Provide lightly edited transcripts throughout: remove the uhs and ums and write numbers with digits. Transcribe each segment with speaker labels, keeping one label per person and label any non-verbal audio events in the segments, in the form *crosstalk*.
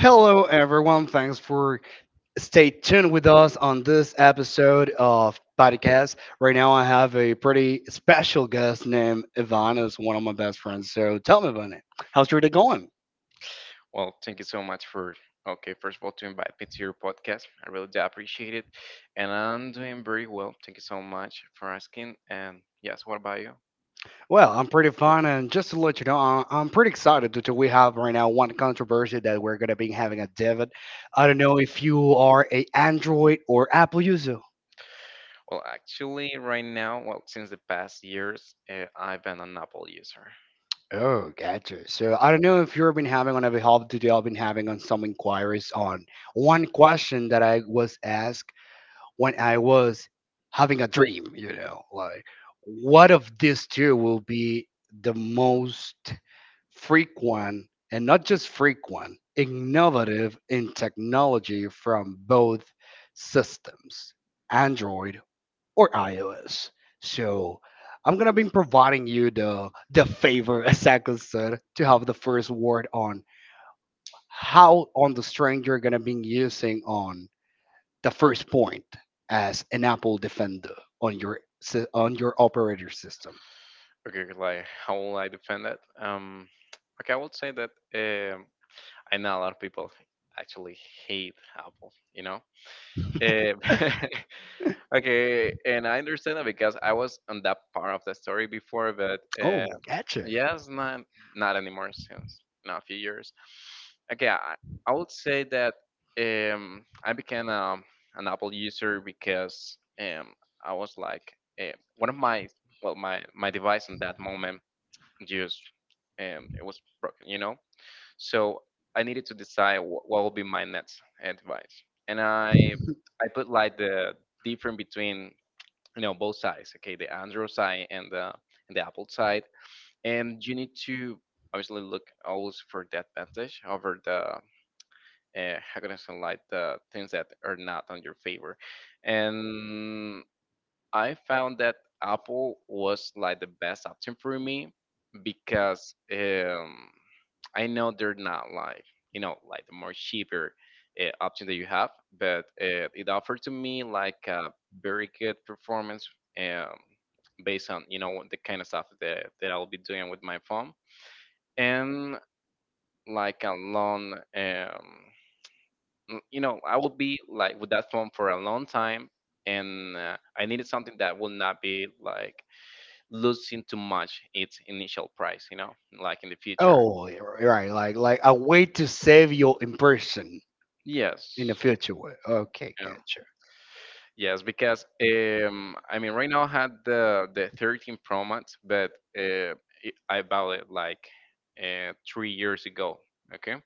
Speaker 1: Hello, everyone. Thanks for stay tuned with us on this episode of podcast. Right now, I have a pretty special guest named Ivan, who's one of my best friends. So tell me about it. How's your day going?
Speaker 2: Well, thank you so much for okay, first of all, to invite me to your podcast. I really do appreciate it, and I'm doing very well. Thank you so much for asking. And yes, what about you?
Speaker 1: Well, I'm pretty fun, and just to let you know, I'm pretty excited that we have right now one controversy that we're gonna be having a debate. I don't know if you are a Android or Apple user.
Speaker 2: Well, actually, right now, well, since the past years, I've been an Apple user.
Speaker 1: Oh, gotcha. So I don't know if you've been having on a help today. I've been having on some inquiries on one question that I was asked when I was having a dream. You know, like what of these two will be the most frequent and not just frequent, innovative in technology from both systems, Android or iOS. So I'm gonna be providing you the favor, *laughs* as Sako said, to have the first word on how on the string you're gonna be using on the first point as an Apple defender on your on your operator system.
Speaker 2: Okay, like how will I defend that? Okay, I would say that um, I know a lot of people actually hate Apple. You know, Um, *laughs* okay, and I understand that because I was on that part of the story before, but
Speaker 1: Oh, gotcha.
Speaker 2: yes, not anymore since now a few years. Okay, I, I would say that I became an Apple user because I was like one of my my device in that moment just it was broken, you know. So I needed to decide what will be my next advice, and I put like the difference between you know both sides. Okay, the Android side and the Apple side, and you need to obviously look always for the advantage over the how can I say like the things that are not on your favor, and I found that Apple was like the best option for me because I know they're not like you know like the more cheaper option that you have, but it offered to me like a very good performance, um, based on you know the kind of stuff that I'll be doing with my phone and like a long you know I will be like with that phone for a long time and I needed something that will not be like losing too much its initial price, you know, like in the future.
Speaker 1: Oh, yeah, right, like a way to save your impression in the
Speaker 2: Yes.
Speaker 1: future. Way. Okay,
Speaker 2: Um,
Speaker 1: gotcha.
Speaker 2: yes, because I mean, right now I had the 13 Pro Max, but uh, I bought it like 3 years ago. Okay.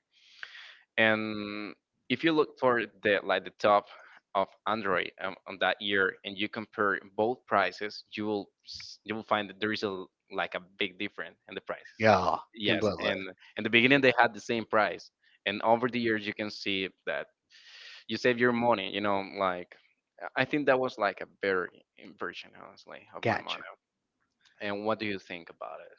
Speaker 2: And if you look for the like the top of Android on that year, and you compare both prices, you will you will find that there is a like a big difference in the prices.
Speaker 1: Yeah, can
Speaker 2: Yes,
Speaker 1: blood look.
Speaker 2: and in the beginning they had the same price, and over the years you can see that you save your money. You know, like I think that was like a better version, honestly, of my
Speaker 1: Gotcha.
Speaker 2: money. And what do you think about it?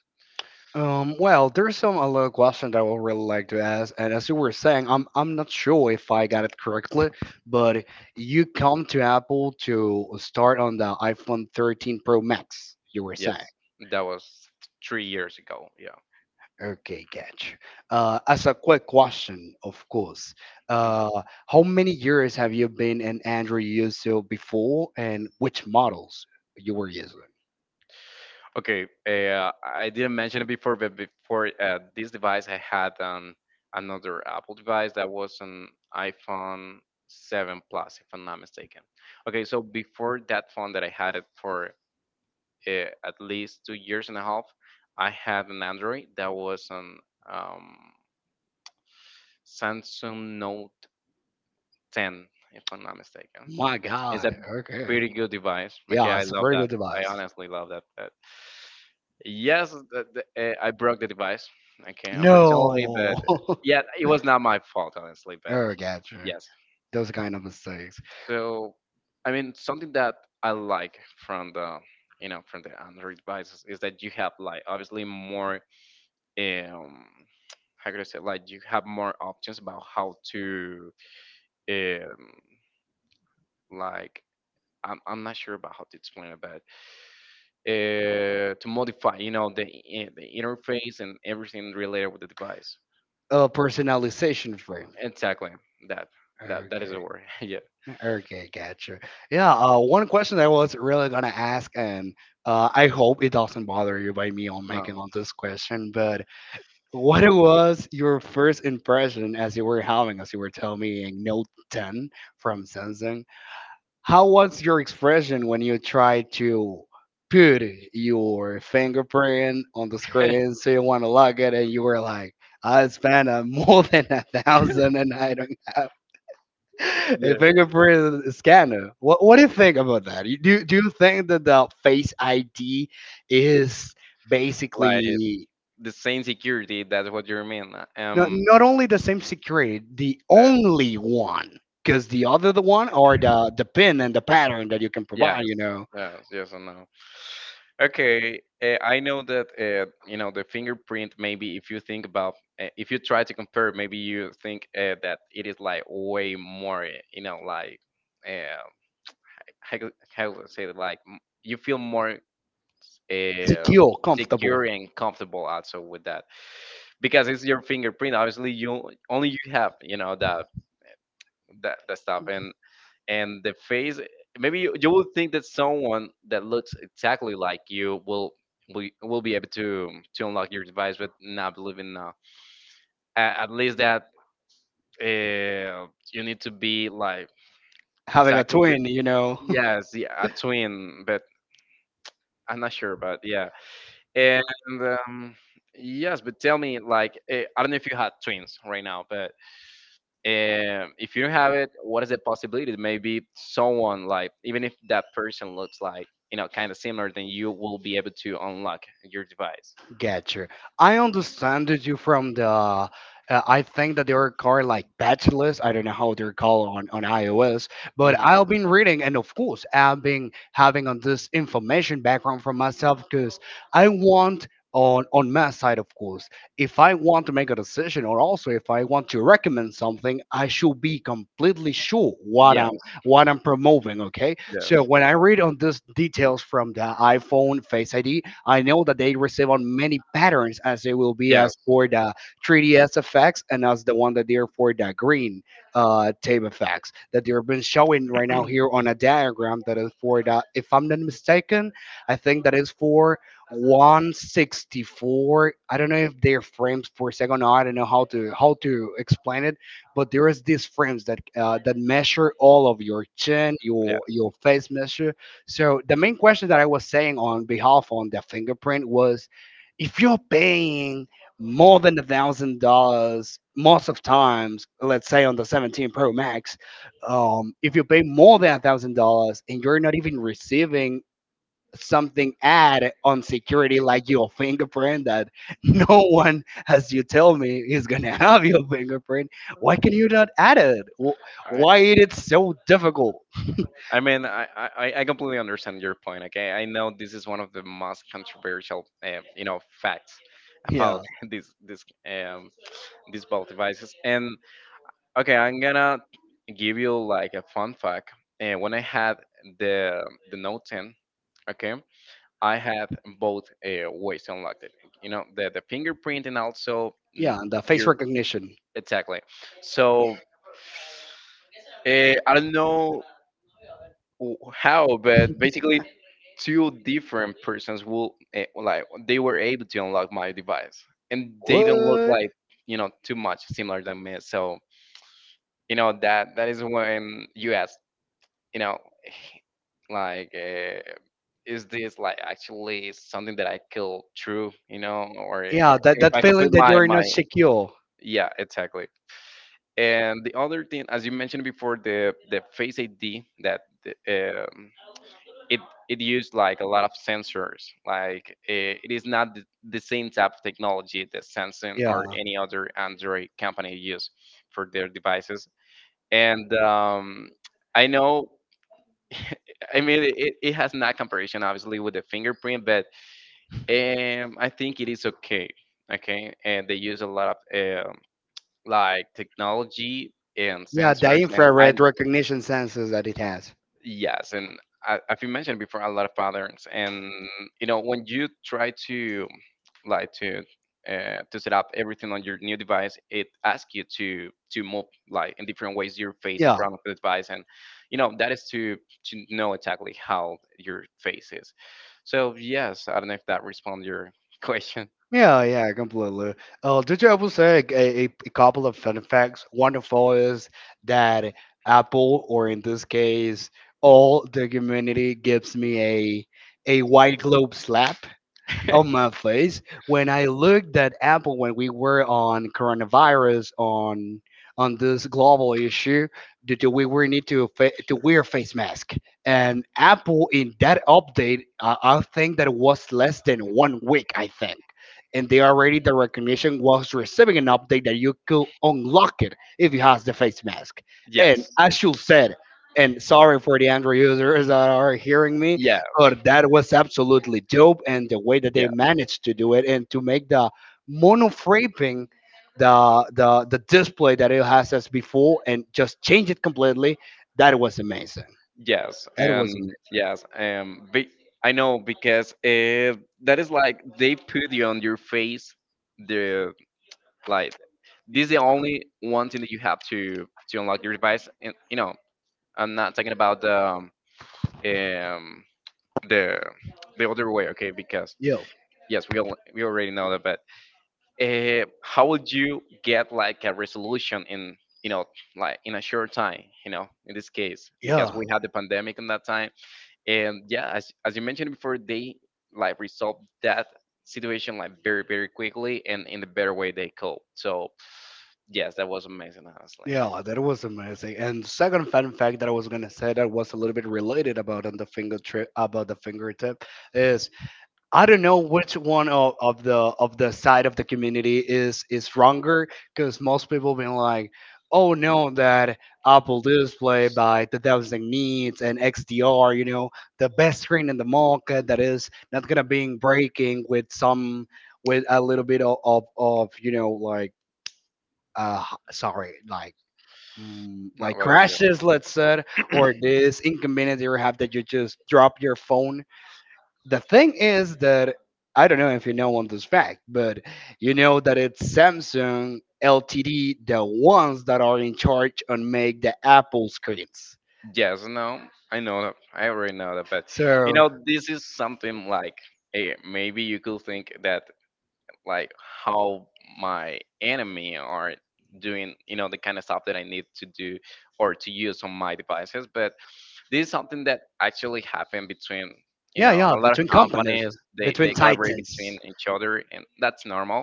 Speaker 1: Well, there's some a little question that I would really like to ask, and as you were saying, I'm not sure if I got it correctly, but you come to Apple to start on the iPhone 13 Pro Max. You were saying,
Speaker 2: Yes, that was 3 years ago. Yeah.
Speaker 1: okay, gotcha. As a quick question, of course,
Speaker 2: Mm-hmm.
Speaker 1: uh, how many years have you been an Android user before, and which models you were using?
Speaker 2: Okay, I didn't mention it before, but before this device, I had another Apple device that was an iPhone 7 Plus, if I'm not mistaken. Okay, so before that phone that I had it for at least 2 years and a half, I had an Android that was an um, Samsung Note 10, if I'm not mistaken.
Speaker 1: My
Speaker 2: It's a
Speaker 1: God,
Speaker 2: pretty
Speaker 1: okay,
Speaker 2: good device. Okay,
Speaker 1: yeah,
Speaker 2: I
Speaker 1: it's a
Speaker 2: love
Speaker 1: very
Speaker 2: that.
Speaker 1: good
Speaker 2: I
Speaker 1: device.
Speaker 2: honestly love that. Yes, I broke the device. Okay, unfortunately, but
Speaker 1: No. *laughs*
Speaker 2: yeah, it was not my fault, honestly. But
Speaker 1: Oh, gotcha.
Speaker 2: yes,
Speaker 1: Those kind of mistakes.
Speaker 2: so I mean, something that I like from the you know from the Android devices is that you have like obviously more um how could I say like you have more options about how to um like I'm not sure about how to explain it, but to modify, you know, the interface and everything related with the device.
Speaker 1: Personalization frame.
Speaker 2: Exactly. That that is
Speaker 1: Okay.
Speaker 2: the word. *laughs* yeah.
Speaker 1: Okay, gotcha. Yeah, one question I was really gonna ask, and I hope it doesn't bother you by me on making
Speaker 2: No.
Speaker 1: on this question, but what was your first impression as you were having, as you were telling me, in Note 10 from Samsung? How was your expression when you tried to put your fingerprint on the screen so you
Speaker 2: *laughs*
Speaker 1: want to log it and you were like, I spent *laughs* more than a thousand and I don't have a
Speaker 2: yeah.
Speaker 1: fingerprint scanner. What do you think about that? Do do you think that the face ID is
Speaker 2: Like
Speaker 1: basically
Speaker 2: the same security. That's what you mean.
Speaker 1: not, not only the same security, the
Speaker 2: Uh,
Speaker 1: only one? Because the other the one or the pin and the pattern that you can
Speaker 2: yes.
Speaker 1: provide, you know.
Speaker 2: Yes. Yes and no. Okay. I know that you know the fingerprint. Maybe if you think about, if you try to compare, maybe you think that it is like way more. You know, like. Uh, how to say it, like you feel more uh,
Speaker 1: Secure, comfortable
Speaker 2: secure and comfortable also with that because it's your fingerprint. Obviously, you only you have you know that stuff and the face. Maybe you will think that someone that looks exactly like you will will be able to unlock your device, but not believing now. At least that uh, you need to be like
Speaker 1: having a
Speaker 2: exactly the,
Speaker 1: twin, you know. *laughs*
Speaker 2: yes, yeah, a twin, but I'm not sure, but yeah. And um, yes, but tell me, like, I don't know if you had twins right now, but if you don't have it, what is the possibility? Maybe someone, like, even if that person looks like, you know, kind of similar, then you will be able to unlock your device.
Speaker 1: Gotcha. I understand you from the. I think that they are called like bachelors. I don't know how they're called on iOS, but
Speaker 2: Hmm.
Speaker 1: I've been reading, and of course, I've been having on this information background for myself because I want on my side, of course, if I want to make a decision, or also if I want to recommend something, I should be completely sure
Speaker 2: Yes,
Speaker 1: what I'm promoting. Okay,
Speaker 2: yes,
Speaker 1: so when I read on this details from the iPhone Face ID, I know that they receive on many patterns as they will be
Speaker 2: yes,
Speaker 1: as for the 3DS effects and as the one that they're for the green tape effects that they've been showing right now here on a diagram that is for the, if I'm not mistaken, I think that is for 164. I don't know if they're frames per second. I don't know how to explain it, but there is these frames that that measure all of your chin,
Speaker 2: yes.
Speaker 1: your face measure so the main question that I was saying on behalf on the fingerprint was, if you're paying more than $1,000 most of times, let's say on the 17 Pro Max, if you pay more than $1,000 and you're not even receiving something ad on security like your fingerprint that *laughs* no one as you tell me is gonna have your fingerprint why can you not add it
Speaker 2: I,
Speaker 1: why is it so difficult.
Speaker 2: I mean, I completely understand your point. Okay, I know this is one of the most controversial, you know, facts about
Speaker 1: Yeah,
Speaker 2: *laughs* this these both devices. And okay, I'm gonna give you like a fun fact. And when I had the the Note 10, okay, I had both ways unlocked. It. You know, the fingerprint and also
Speaker 1: yeah, and the face
Speaker 2: your
Speaker 1: recognition.
Speaker 2: exactly. So uh, I don't know how, but basically, two different persons will like they were able to unlock my device, and they don't look like you know too much similar than me. So you know that that is when you ask you know like is this like actually something that I feel true you know or
Speaker 1: Yeah, that
Speaker 2: if
Speaker 1: that
Speaker 2: I could
Speaker 1: feeling
Speaker 2: put
Speaker 1: that
Speaker 2: my
Speaker 1: you're
Speaker 2: my
Speaker 1: not secure.
Speaker 2: yeah exactly and the other thing as you mentioned before the face id that the, it it used like a lot of sensors like it is not the same type of technology that samsung
Speaker 1: Yeah,
Speaker 2: or any other android company use for their devices and I know *laughs* I mean, it has not comparison obviously with the fingerprint, but I think it is okay. Okay, and they use a lot of like technology and
Speaker 1: yeah, the
Speaker 2: sensors, and I
Speaker 1: infrared recognition sensors that it has.
Speaker 2: yes, and as you mentioned before, a lot of patterns, and you know when you try to like to to set up everything on your new device, it asks you to move like in different ways your face in
Speaker 1: Yeah.
Speaker 2: front of the device, and you know that is to know exactly how your face is. So yes, I don't know if that responds your *laughs* question.
Speaker 1: Yeah, yeah, completely. Did you ever say a couple of fun facts? Wonderful is that Apple, or in this case, all the community gives me a white globe slap on my
Speaker 2: *laughs*
Speaker 1: face when I looked at Apple when we were on coronavirus on this global issue. Do we were need to to wear face mask? And Apple in that update, I think that it was less than 1 week. I think. And they already the recognition was receiving an update that you could unlock it if you has the face mask. And
Speaker 2: yes,
Speaker 1: I should said, and sorry for the Android users that are hearing me,
Speaker 2: yeah,
Speaker 1: oh, that was absolutely dope, and the way that they
Speaker 2: yeah.
Speaker 1: managed to do it and to make the monofraping the display that it has as before and just change it completely, that was amazing.
Speaker 2: Yes,
Speaker 1: That was amazing.
Speaker 2: and yes, I know because that is like they put you on your face the like this is the only one thing that you have to unlock your device, and you know I'm not talking about um, the the other way. Okay? Because
Speaker 1: Yeah,
Speaker 2: yes, we already know that, but how would you get like a resolution in you know like in a short time, you know, in this case
Speaker 1: yeah,
Speaker 2: because we had the pandemic in that time and yeah as you mentioned before they like resolved that situation like very very quickly and in the better way they could. So yes, that was amazing, honestly.
Speaker 1: yeah. That was amazing. And second fun fact that I was gonna say that was a little bit related about on the finger trip about the fingertip is I don't know which one of the side of the community is wronger because most people been like, oh no, that Apple Display by 2000 needs and XDR, you know, the best screen in the market that is not gonna be breaking with some with a little bit of of you know like uh sorry like.
Speaker 2: Not
Speaker 1: Like
Speaker 2: really.
Speaker 1: crashes, let's say, or this inconvenience you have that you just drop your phone the thing is that I don't know if you know on this fact, but you know that it's Samsung LTD, the ones that are in charge on make the Apple screens.
Speaker 2: Yes. No, I know that I already know that, but you
Speaker 1: So
Speaker 2: know this is something like maybe you could think that like how my enemy are doing you know the kind of stuff that I need to do or to use on my devices, but this is something that actually happened between you
Speaker 1: yeah,
Speaker 2: know
Speaker 1: yeah,
Speaker 2: a lot of
Speaker 1: between companies,
Speaker 2: companies. They
Speaker 1: between
Speaker 2: collaborate between
Speaker 1: titans.
Speaker 2: each other, and that's normal.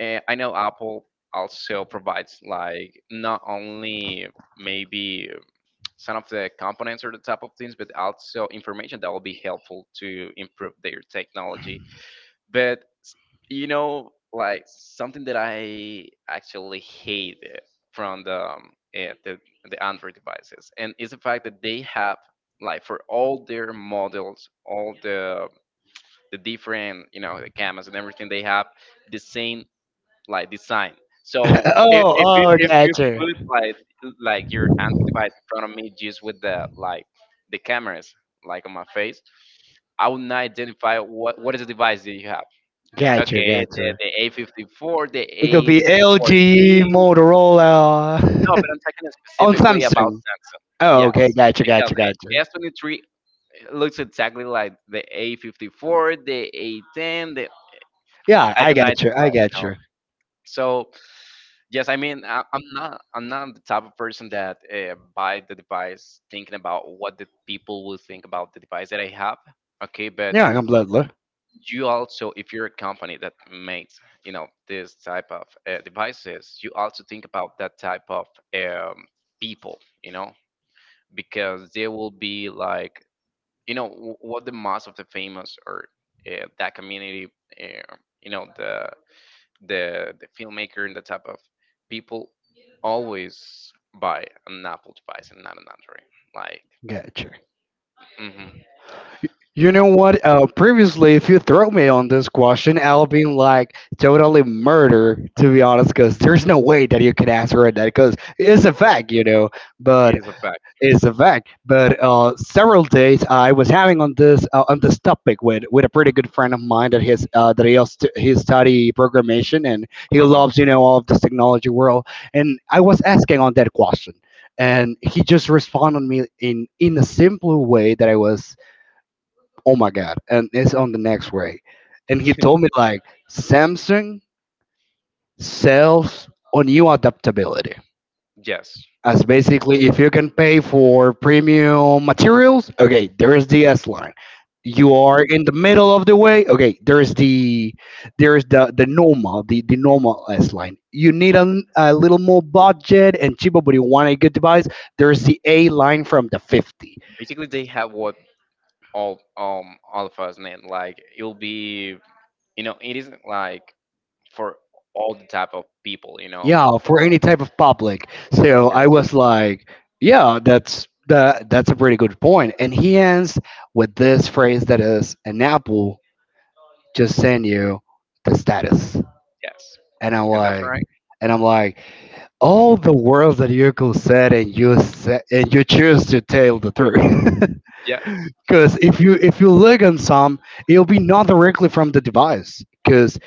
Speaker 2: And I know Apple also provides like not only maybe some of the components or the type of things, but also information that will be helpful to improve their technology. But you know, like something that I actually hate from the Android devices, and is the fact that they have like for all their models, all the different you know the cameras and everything, they have the same like design. So
Speaker 1: *laughs* Oh, oh,
Speaker 2: if you
Speaker 1: gotcha,
Speaker 2: put like your Android device in front of me just with the like the cameras like on my face, I would not identify what is the device that you have.
Speaker 1: gotcha,
Speaker 2: Okay, the
Speaker 1: gotcha.
Speaker 2: the A54, the
Speaker 1: It could be LG,
Speaker 2: A14.
Speaker 1: Motorola,
Speaker 2: No, but I'm talking
Speaker 1: *laughs* on
Speaker 2: specifically about
Speaker 1: Samsung.
Speaker 2: Samsung.
Speaker 1: Oh,
Speaker 2: Yes,
Speaker 1: okay, gotcha,
Speaker 2: because
Speaker 1: gotcha, gotcha.
Speaker 2: the S23 looks exactly like the A54, the A10. The
Speaker 1: Yeah,
Speaker 2: I
Speaker 1: I
Speaker 2: can
Speaker 1: gotcha, I
Speaker 2: identify, you know.
Speaker 1: gotcha.
Speaker 2: So yes, I mean I'm not the type of person that buy the device thinking about what the people will think about the device that I have. Okay, but
Speaker 1: Yeah, I'm completely.
Speaker 2: you also if you're a company that makes, you know, this type of devices, you also think about that type of um, people, you know, because they will be like, you know, what the most of the famous or that community, uh, you know, the filmmaker and the type of people always buy an apple device and not an android, like
Speaker 1: Gotcha.
Speaker 2: mhm,
Speaker 1: You know what? Previously, if you throw me on this question, I'll be like totally murder, to be honest, because there's no way that you can answer it that, because it's a fact, you know.
Speaker 2: it
Speaker 1: But
Speaker 2: is a fact.
Speaker 1: it's a fact. But several days I was having on this topic with a pretty good friend of mine that his that he also, he study programmation and he
Speaker 2: Uh-huh.
Speaker 1: loves you know all of this technology world, and I was asking on that question and he just responded me in a simple way that I was oh my god and it's on the next way and he told me like samsung sells on you adaptability
Speaker 2: Yes,
Speaker 1: as basically if you can pay for premium materials okay there is the s line you are in the middle of the way okay there is the normal the normal s line you need a little more budget and cheaper but you want a good device there is the a line from the 50
Speaker 2: basically they have what all of us, man, like it'll be, you know, it isn't like for all the type of people, you know.
Speaker 1: yeah for any type of public so I
Speaker 2: Yes.
Speaker 1: was like yeah that's that that's a pretty good point point." and he ends with this phrase that is an apple just send you the status
Speaker 2: Yes,
Speaker 1: and i'm
Speaker 2: and that's
Speaker 1: like
Speaker 2: right.
Speaker 1: and I'm like all the words that you could said and you choose to tell the truth *laughs*
Speaker 2: Yes,
Speaker 1: Because if you look on some, it'll be not directly from the device. Because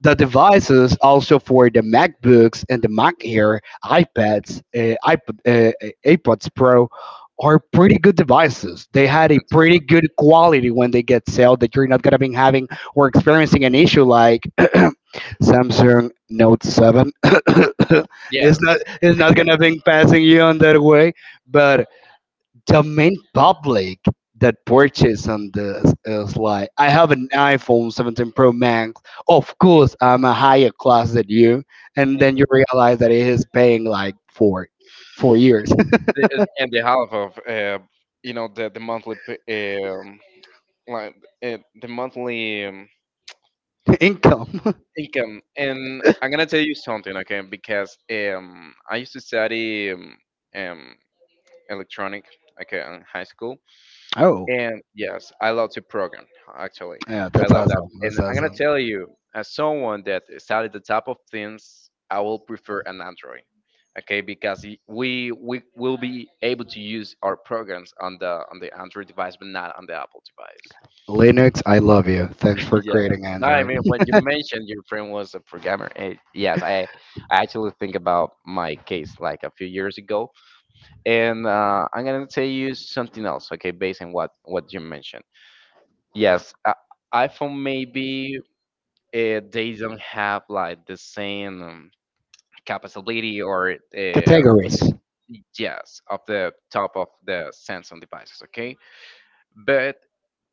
Speaker 1: the devices also for the MacBooks and the Mac Air, iPads, iPod, iPods Pro are pretty good devices. They had a
Speaker 2: and second
Speaker 1: pretty
Speaker 2: one.
Speaker 1: good quality when they get sold that you're not gonna be having or experiencing an issue like *clears throat* Samsung Note 7. *coughs*
Speaker 2: Yes,
Speaker 1: It's not it's not gonna be passing you on that way, but the main public that purchased on this is like, I have an iPhone 17 Pro Max. Of course, I'm a higher class than you. And then you realize that he is paying like 4 years
Speaker 2: the, and the half of you know the monthly like the monthly
Speaker 1: *laughs* income.
Speaker 2: income. And I'm gonna tell you something, okay, because I used to study um electronic, okay, in high school.
Speaker 1: Oh,
Speaker 2: And yes, I love to program, actually.
Speaker 1: yeah,
Speaker 2: I
Speaker 1: that's
Speaker 2: love that.
Speaker 1: awesome.
Speaker 2: And
Speaker 1: That's
Speaker 2: I'm going to
Speaker 1: awesome.
Speaker 2: tell you, as someone that studied the type of things, I will prefer an Android. Okay, because we will be able to use our programs on the Android device, but not on the Apple device.
Speaker 1: Linux, I love you. Thanks
Speaker 2: *laughs*
Speaker 1: for
Speaker 2: Yes.
Speaker 1: creating
Speaker 2: No, I
Speaker 1: Android.
Speaker 2: mean when you mentioned your friend was a programmer, yes, I actually think about my case like a few years ago, and I'm gonna tell you something else. Okay, based on what you mentioned. Yes, iPhone maybe they don't have like the same capability or
Speaker 1: Categories.
Speaker 2: yes, of the top of the Samsung devices, okay? But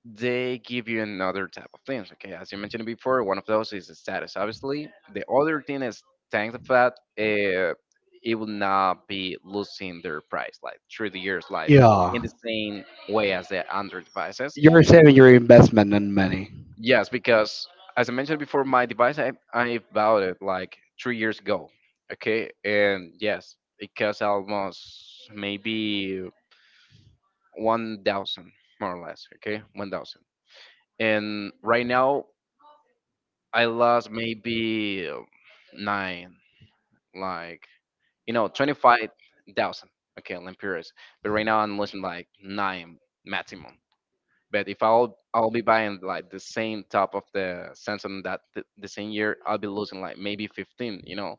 Speaker 2: they give you another type of things, okay? As you mentioned before, one of those is the status, obviously. The other thing is, thanks to that, uh, it will not be losing their price like through the years, like
Speaker 1: Yeah.
Speaker 2: in the same way as the Android devices.
Speaker 1: You're saving your investment and money.
Speaker 2: Yes, because as I mentioned before, my device I bought it like 3 years ago. Okay, and yes, it costs almost maybe 1,000, more or less. Okay, 1,000. And right now I lost maybe nine, like, you know, 25,000. Okay, Lampiris. But right now I'm losing like nine maximum. But if I'll be buying like the same top of the Samsung that the same year, I'll be losing like maybe 15, you know.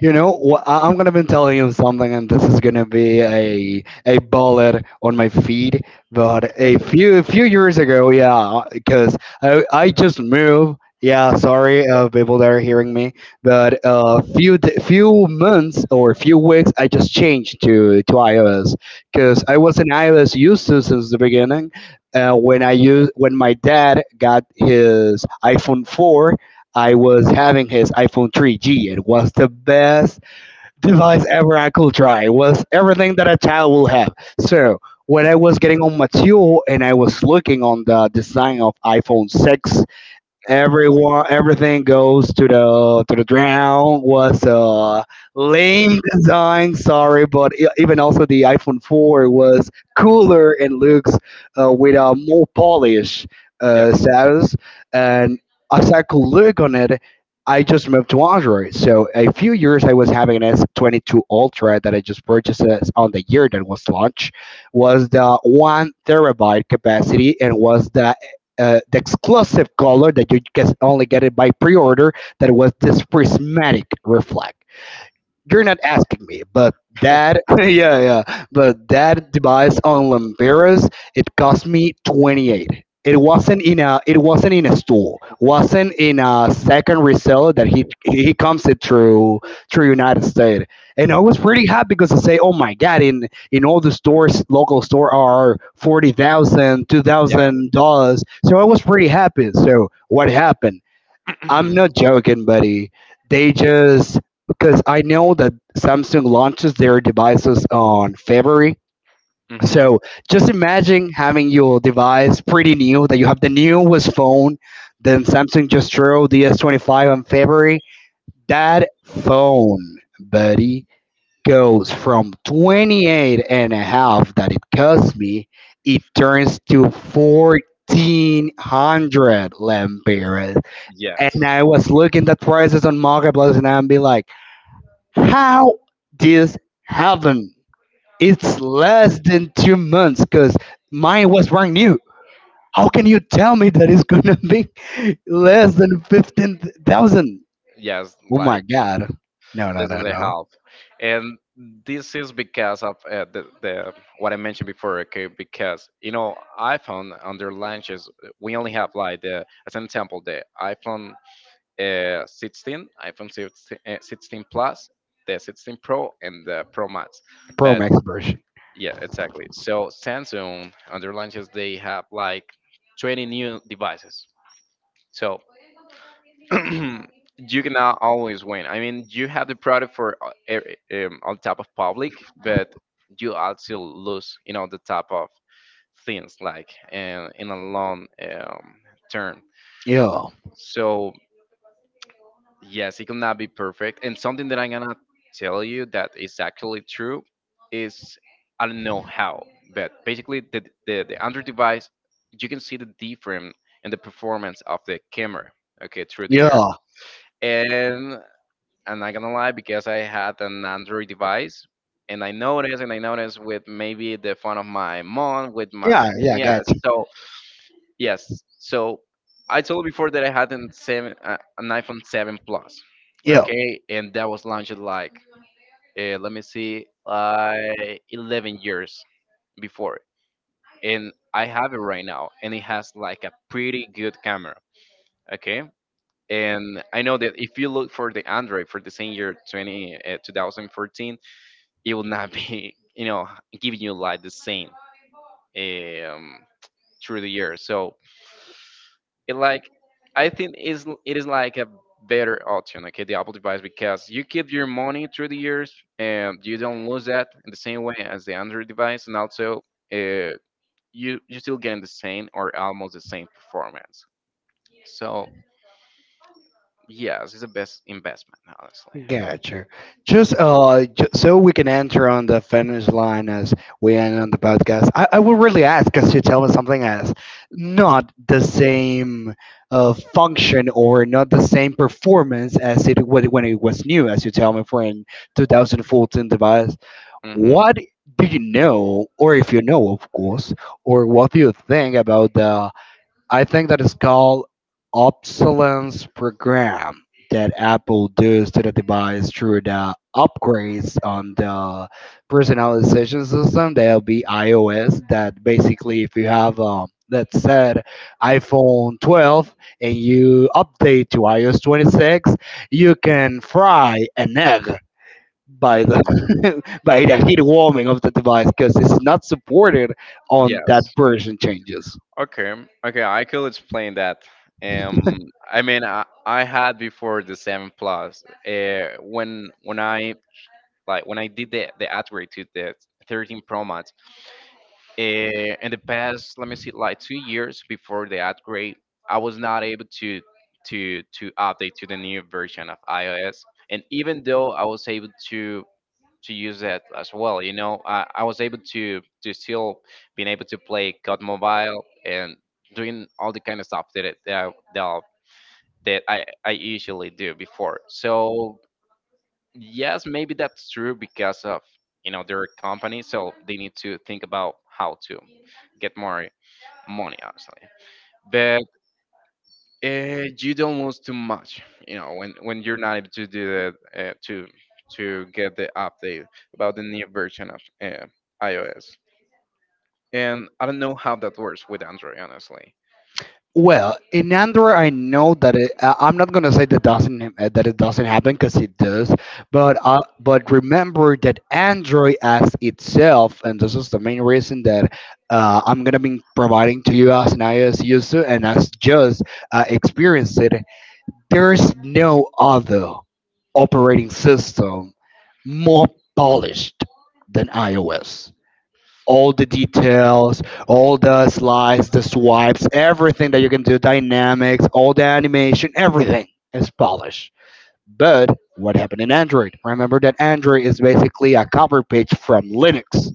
Speaker 1: You know, I'm gonna be telling you something, and this is gonna be a bullet on my feed. But a few few years ago, yeah, because I just moved. Yeah, sorry, people that are hearing me. But a few months or few weeks, I just changed to iOS because I was an iOS user since the beginning. When I use when my dad got his iPhone four, I was having his iPhone 3G. It was the best device ever I could try. It was everything that a child will have. So when I was getting on mature and I was looking on the design of iPhone 6, everyone, everything goes to the ground. Was a lame design, sorry, but even also the iPhone 4 was cooler and looks with a more polish
Speaker 2: Yes.
Speaker 1: status. And as I could look on it, I just moved to Android. So a few years I was having an S22 Ultra that I just purchased on the year that was launched, was the one terabyte capacity and was the exclusive color that you can only get it by pre-order, that was this prismatic reflect. You're not asking me, but
Speaker 2: *laughs*
Speaker 1: that, *laughs* yeah, yeah. But that device on Lamberas, it cost me 28. It wasn't in a store. Wasn't in a second reseller that he comes it through United States. And I was pretty happy because I say, oh my god, in all the stores, local store are 40,000, two
Speaker 2: Yeah.
Speaker 1: thousand dollars. So I was pretty happy. So what happened? I'm
Speaker 2: *clears throat*
Speaker 1: not joking, buddy. They just, because I know that Samsung launches their devices on February.
Speaker 2: Hmm.
Speaker 1: So just imagine having your device pretty new, that you have the newest phone, then Samsung just throw the S25 on February. That phone, buddy, goes from 28 and a half that it cost me, it turns to 1400 lempiras. And
Speaker 2: Yes.
Speaker 1: I was looking at prices on marketplace, and I'm be like, how this happen? It's less than 2 months because mine was brand new. How can you tell me that it's gonna be *laughs* less than 15,000?
Speaker 2: Yes,
Speaker 1: Oh my
Speaker 2: like
Speaker 1: god! No, no,
Speaker 2: less than
Speaker 1: no,
Speaker 2: the
Speaker 1: no.
Speaker 2: half. And this is because of the what I mentioned before, okay? Because, you know, iPhone on their launches, we only have like, the as an example, the iPhone 16, iPhone 16, 16 Plus, the 16 Pro, and the Pro Max.
Speaker 1: Pro
Speaker 2: But
Speaker 1: Max version.
Speaker 2: yeah, exactly. So Samsung on their launches they have like 20 new devices. So *clears throat* you cannot always win. I mean, you have the product for on top of public, but you also lose, you know, the top of things like in a long term.
Speaker 1: Yeah,
Speaker 2: So yes, it cannot be perfect. And something that I'm gonna tell you that is actually true is, I don't know how, but basically the Android device, you can see the difference in the performance of the camera, okay, through the years.
Speaker 1: yeah,
Speaker 2: And I'm not gonna lie, because I had an Android device and I noticed with maybe the phone of my mom, with my,
Speaker 1: yeah, yeah.
Speaker 2: yeah,
Speaker 1: Gotcha.
Speaker 2: so yes. So I told you before that I had an seven, an iPhone seven plus.
Speaker 1: Yeah.
Speaker 2: Okay, and that was launched like, let me see, like 11 years before, and I have it right now, and it has like a pretty good camera. Okay, and I know that if you look for the Android for the same year 20, 2014, it will not *laughs* be, you know, giving you like the same um, through the year. So it like, I think is like a better option, okay, the Apple device, because you keep your money through the years and you don't lose that in the same way as the Android device, and also uh, you you still getting the same or almost the same performance. So yes, it's the best investment, honestly.
Speaker 1: Gotcha. Just so we can enter on the finish line as we end on the podcast. I will really ask because you tell me something has not the same function or not the same performance as it when, it was new, as you tell me for in 2014 device.
Speaker 2: Hmm.
Speaker 1: What do you know, or if you know, of course, or what do you think about the, I think that is called obsolescence program that Apple does to the device through the upgrades on the personalization system. That'll be iOS. That basically, if you have let's say iPhone 12 and you update to iOS 26, you can fry an egg by the,
Speaker 2: Hmm.
Speaker 1: *laughs* by the heat warming of the device because it's not supported on that
Speaker 2: Yes.
Speaker 1: version changes.
Speaker 2: Okay. Okay, I could explain that. Um. I mean, I had before the seven plus. When I did the upgrade to the 13 Pro Max, in the past, let me see, like 2 years before the upgrade, I was not able to to update to the new version of iOS. And even though I was able to use that as well, you know, I was able to still being able to play COD Mobile and doing all the kind of stuff that it, that, I- that I that I usually do before. So yes, maybe that's true because, of you know, their company, so they need to think about how to get more money, obviously, but you don't lose too much, you know, when you're not able to do that, to get the update about the new version of iOS. And I don't know how that works with android, honestly.
Speaker 1: Well, in Android, I know that it, I'm not gonna say that doesn't that it doesn't happen because it does, but remember that Android as itself, and this is the main reason that I'm gonna be providing to you as an iOS user and as just experienced it. There's no other operating system more polished than iOS. All the details, all the slides, the swipes, everything that you can do, dynamics, all the animation, everything is polished. But what happened in Android? Remember that Android is basically a cover page from Linux,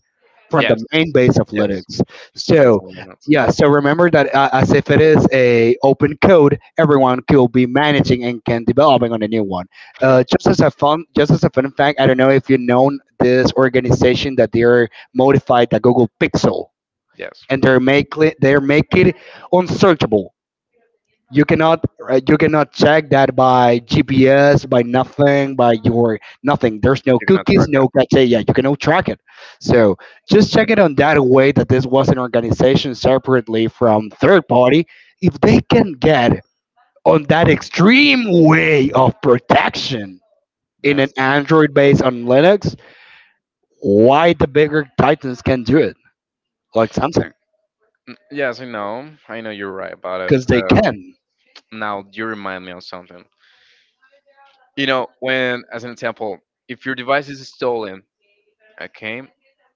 Speaker 1: from
Speaker 2: Yes.
Speaker 1: the main base of
Speaker 2: Yes,
Speaker 1: Linux.
Speaker 2: it's based
Speaker 1: So
Speaker 2: on linux.
Speaker 1: yeah, so remember that as if it is a open code, everyone could be managing and can developing on a new one.
Speaker 2: *laughs*
Speaker 1: Just as a fun, just as a fun fact, I don't know if you know this organization that they are modified the Google Pixel
Speaker 2: Yes.
Speaker 1: and they're make it unsearchable. You cannot you cannot check that by GPS, by nothing, by your nothing. There's no
Speaker 2: You cannot
Speaker 1: cookies,
Speaker 2: track it.
Speaker 1: no criteria. You cannot track it. So just check it on that way that this was an organization separately from third party. If they can get on that extreme way of protection in an
Speaker 2: Yes.
Speaker 1: Android based on Linux, why the bigger titans can do it like Samsung?
Speaker 2: Mm, yes, I know, I know, you're right about it.
Speaker 1: Because they can.
Speaker 2: Now you remind me of something. You know, when, as an example, if your device is stolen, okay,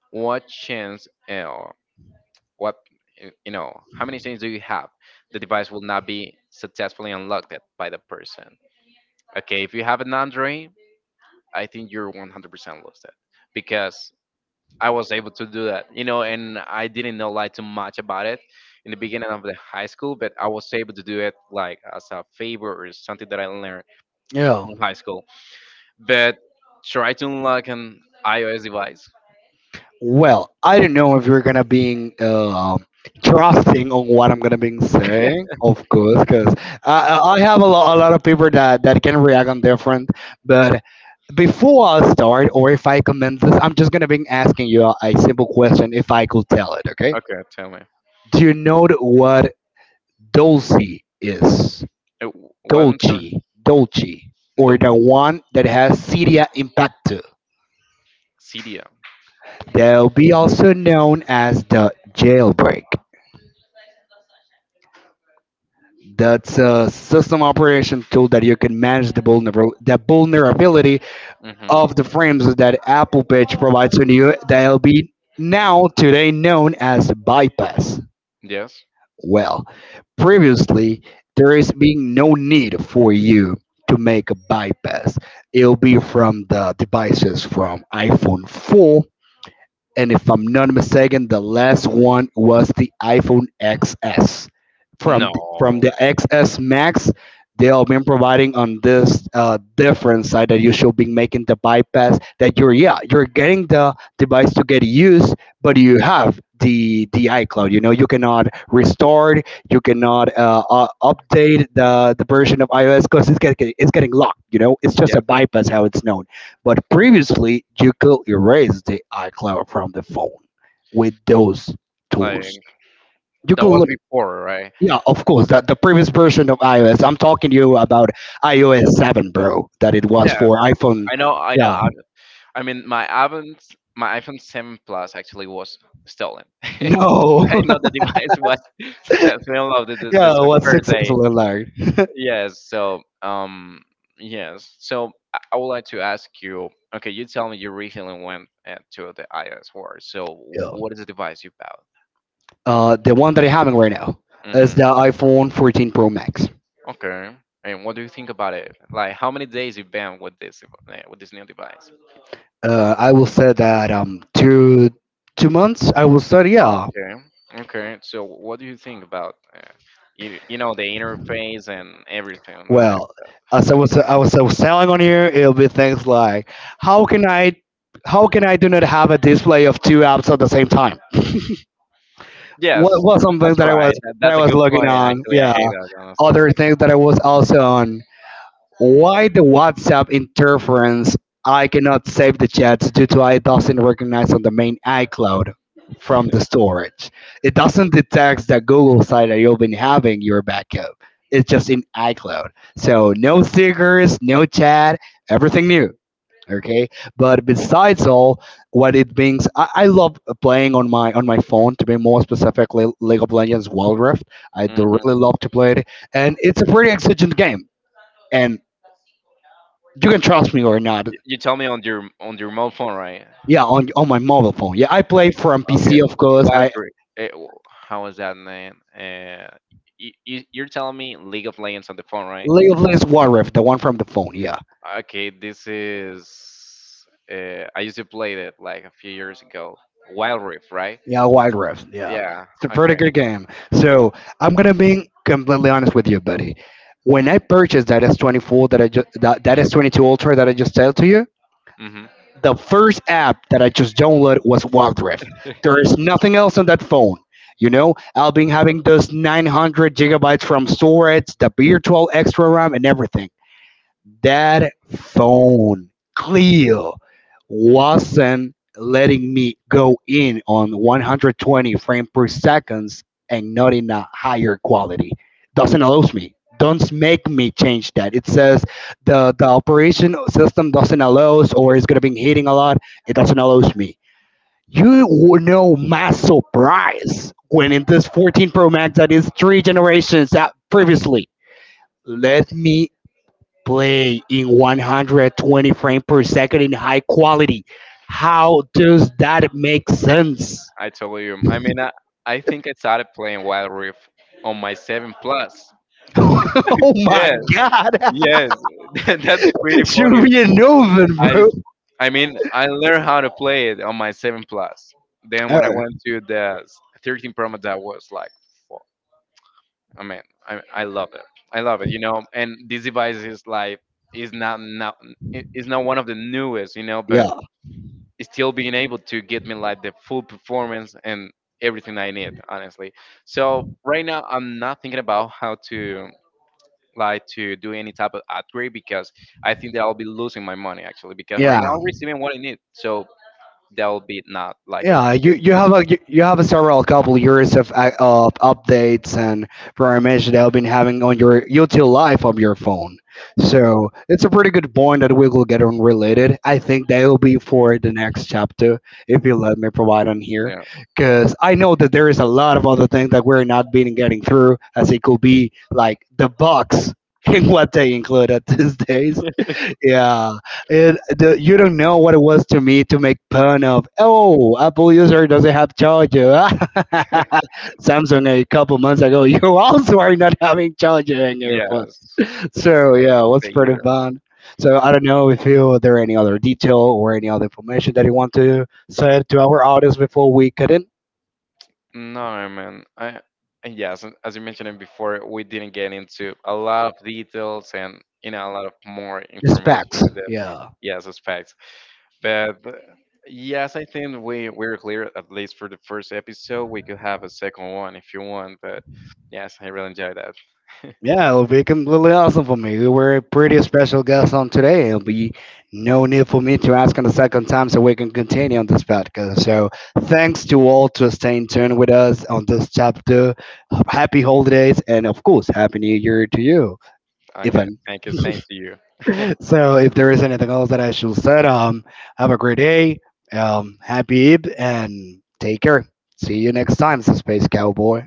Speaker 2: what chance or what, you know, how many chances do you have the device will not be successfully unlocked by the person? Okay, if you have an Android, I think you're 100% lost it, because I was able to do that, you know, and I didn't know like too much about it in the beginning of the high school, but I was able to do it like as a favor or something that I learned
Speaker 1: Yeah.
Speaker 2: from high school, but try to unlock an iOS device.
Speaker 1: Well, I don't know if you're gonna be trusting on what I'm gonna be saying, of course, because I have a lot of people that, can react on different. But before I start, or if I commence this, I'm just gonna be asking you a simple question, if I could tell it, okay?
Speaker 2: Okay, tell me.
Speaker 1: Do you know what Dulce is?
Speaker 2: It wasn't there
Speaker 1: Dolce, Dolce, or
Speaker 2: the
Speaker 1: the one that has Cydia Impacto.
Speaker 2: Cydia.
Speaker 1: They'll be also known as the jailbreak. That's a system operation tool that you can manage the, the vulnerability
Speaker 2: Mm-hmm.
Speaker 1: of the frames that Apple Patch provides to you that'll be now today known as bypass.
Speaker 2: Yes.
Speaker 1: Well, previously there is being no need for you to make a bypass. It'll be from the devices from iPhone 4, and if I'm not mistaken, the last one was the iPhone XS. From
Speaker 2: No.
Speaker 1: the XS Max, they have been providing on this different side that you should be making the bypass. That you're, yeah, you're getting the device to get used, but you have the iCloud. You know you cannot restore it, you cannot update the version of iOS because it's getting locked. You know it's just a
Speaker 2: Yes.
Speaker 1: bypass how it's known. But previously, you could erase the iCloud from the phone with those, right, tools.
Speaker 2: Like
Speaker 1: You
Speaker 2: that
Speaker 1: could, that's
Speaker 2: was
Speaker 1: look,
Speaker 2: before, right?
Speaker 1: yeah, of course, that the previous version of iOS. I'm talking to you about iOS 7, bro, that it was
Speaker 2: Yes.
Speaker 1: for iPhone.
Speaker 2: I know. I know.
Speaker 1: Yeah,
Speaker 2: I mean, my iPhone 7 Plus actually was stolen. *laughs*
Speaker 1: no,
Speaker 2: I know the
Speaker 1: *laughs*
Speaker 2: device was. *laughs* So tell me about
Speaker 1: yeah, it
Speaker 2: the
Speaker 1: was
Speaker 2: first day.
Speaker 1: successful alert.
Speaker 2: Yes. So, yes. So I would like to ask you. Okay, you tell me you recently went to the iOS world. So,
Speaker 1: Yeah,
Speaker 2: what is the device you bought?
Speaker 1: the one that I'm having right now is
Speaker 2: Hmm.
Speaker 1: the iPhone 14 Pro Max.
Speaker 2: Okay. And what do you think about it? Like, how many days you been with this with this new device?
Speaker 1: I will say that two months. I will say
Speaker 2: Oh,
Speaker 1: yeah.
Speaker 2: okay. Okay. So, what do you think about you you know the interface and everything related?
Speaker 1: Well, as I was selling on here, it'll be things like how can I, how can I do not have a display of two apps at the same time? What
Speaker 2: Yes,
Speaker 1: what some
Speaker 2: that's
Speaker 1: things that I
Speaker 2: right.
Speaker 1: was,
Speaker 2: That,
Speaker 1: that I
Speaker 2: that's a
Speaker 1: was
Speaker 2: good
Speaker 1: looking
Speaker 2: point.
Speaker 1: on?
Speaker 2: Actually, I
Speaker 1: Yeah,
Speaker 2: hate that,
Speaker 1: other things that I was also on, why the WhatsApp interference? I cannot save the chats due to I doesn't recognize on the main iCloud from the storage. It doesn't detect the Google site that you've been having your backup. It's just in iCloud. So no stickers, no chat, everything new. Okay. But besides all, what it brings, I love playing on my phone. To be more specifically, League of Legends Wild Rift. I do
Speaker 2: honestly.
Speaker 1: really love to play it, and it's a pretty exigent game and you can trust me or not.
Speaker 2: You tell me on your mobile phone, right?
Speaker 1: Yeah, on my mobile phone. Yeah, I play from
Speaker 2: Okay,
Speaker 1: PC, of course.
Speaker 2: Wild
Speaker 1: I
Speaker 2: Rift. How is that name? You, you, you're telling me League of Legends on the phone, right?
Speaker 1: League of Legends Wild Rift, the one from the phone. Yeah,
Speaker 2: Okay, this is. I used to play it like a few years ago. Wild Rift, right?
Speaker 1: yeah, Wild Rift. Yeah,
Speaker 2: Yeah.
Speaker 1: it's a pretty
Speaker 2: Okay.
Speaker 1: good game. So I'm gonna be completely honest with you, buddy. When I purchased that S24 that S22 Ultra that I just told to you,
Speaker 2: Hmm.
Speaker 1: the first app that I just downloaded was Wild Rift. There is
Speaker 2: *laughs*
Speaker 1: nothing else on that phone. You know, I'll be having those 900 gigabytes from storage, the virtual extra RAM, and everything. That phone, Cleo, wasn't letting me go in on 120 frames per seconds and not in a higher quality. Doesn't allows me. Don't make me change that. It says the operation system doesn't allows or it's gonna be hitting a lot. It doesn't allows me. You will know my surprise when in this 14 Pro Max that is three generations out previously. Let me play in 120 frames per second in high quality. How does that make sense?
Speaker 2: I told you. I mean, I think I started playing Wild Rift on my seven plus.
Speaker 1: *laughs* oh
Speaker 2: Yeah.
Speaker 1: my god,
Speaker 2: Yes. *laughs* That's pretty
Speaker 1: *laughs* should
Speaker 2: funny.
Speaker 1: be a new one,
Speaker 2: I
Speaker 1: bro.
Speaker 2: I mean, I learned how to play it on my 7 Plus. Then
Speaker 1: Uh,
Speaker 2: when I went to the 13 Pro Max, that was like, fuck. I mean, I love it. I love it, you know. And this device is like, is not not is not one of the newest, you know, but
Speaker 1: yeah,
Speaker 2: it's still being able to get me like the full performance and everything I need, honestly. So right now, I'm not thinking about how to like to do any type of upgrade, because I think that I'll be losing my money, actually, because right now
Speaker 1: yeah.
Speaker 2: I'm receiving what I need. So that'll be not like a
Speaker 1: Yeah, you,
Speaker 2: good
Speaker 1: you have
Speaker 2: investment.
Speaker 1: a you, you have a several couple years of updates and programs that have been having on your util life of your phone. So it's a pretty good point that we will get on related. I think that will be for the next chapter if you let me provide on here, because I know that there is a lot of other things that we're not being getting through, as it could be like the bugs *laughs* in what they include at these days.
Speaker 2: Yeah. *laughs*
Speaker 1: Yeah, it, the, you don't know what it was to me to make fun of. Oh, Apple user doesn't have charger. *laughs* Samsung a couple months ago, *laughs* you also are not having charger in your, yeah, phones.
Speaker 2: Yes,
Speaker 1: *laughs* So yeah, it was
Speaker 2: they
Speaker 1: pretty
Speaker 2: either.
Speaker 1: fun. So I don't know if you are there any other detail or any other information that you want to say to our audience before we cut in.
Speaker 2: No, man. I And yes, and as you mentioned before, we didn't get into a lot of details, and you know a lot of more
Speaker 1: It's
Speaker 2: information
Speaker 1: facts.
Speaker 2: with the
Speaker 1: Yeah.
Speaker 2: yes aspects, but. Yes, I think we we're clear at least for the first episode. We could have a second one if you want, but yes, I really enjoyed that.
Speaker 1: Yeah, it'll be completely awesome for me. You were a pretty special guest on today. It'll be no need for me to ask on the second time so we can continue on this podcast. So thanks to all to stay in tune with us on this chapter. Happy holidays and of course happy new year to you,
Speaker 2: Okay,
Speaker 1: Ivan.
Speaker 2: thank you. Same to you. *laughs*
Speaker 1: So if there is anything else that I should said, have a great day. Happy Eve and take care. See you next time, so Space Cowboy.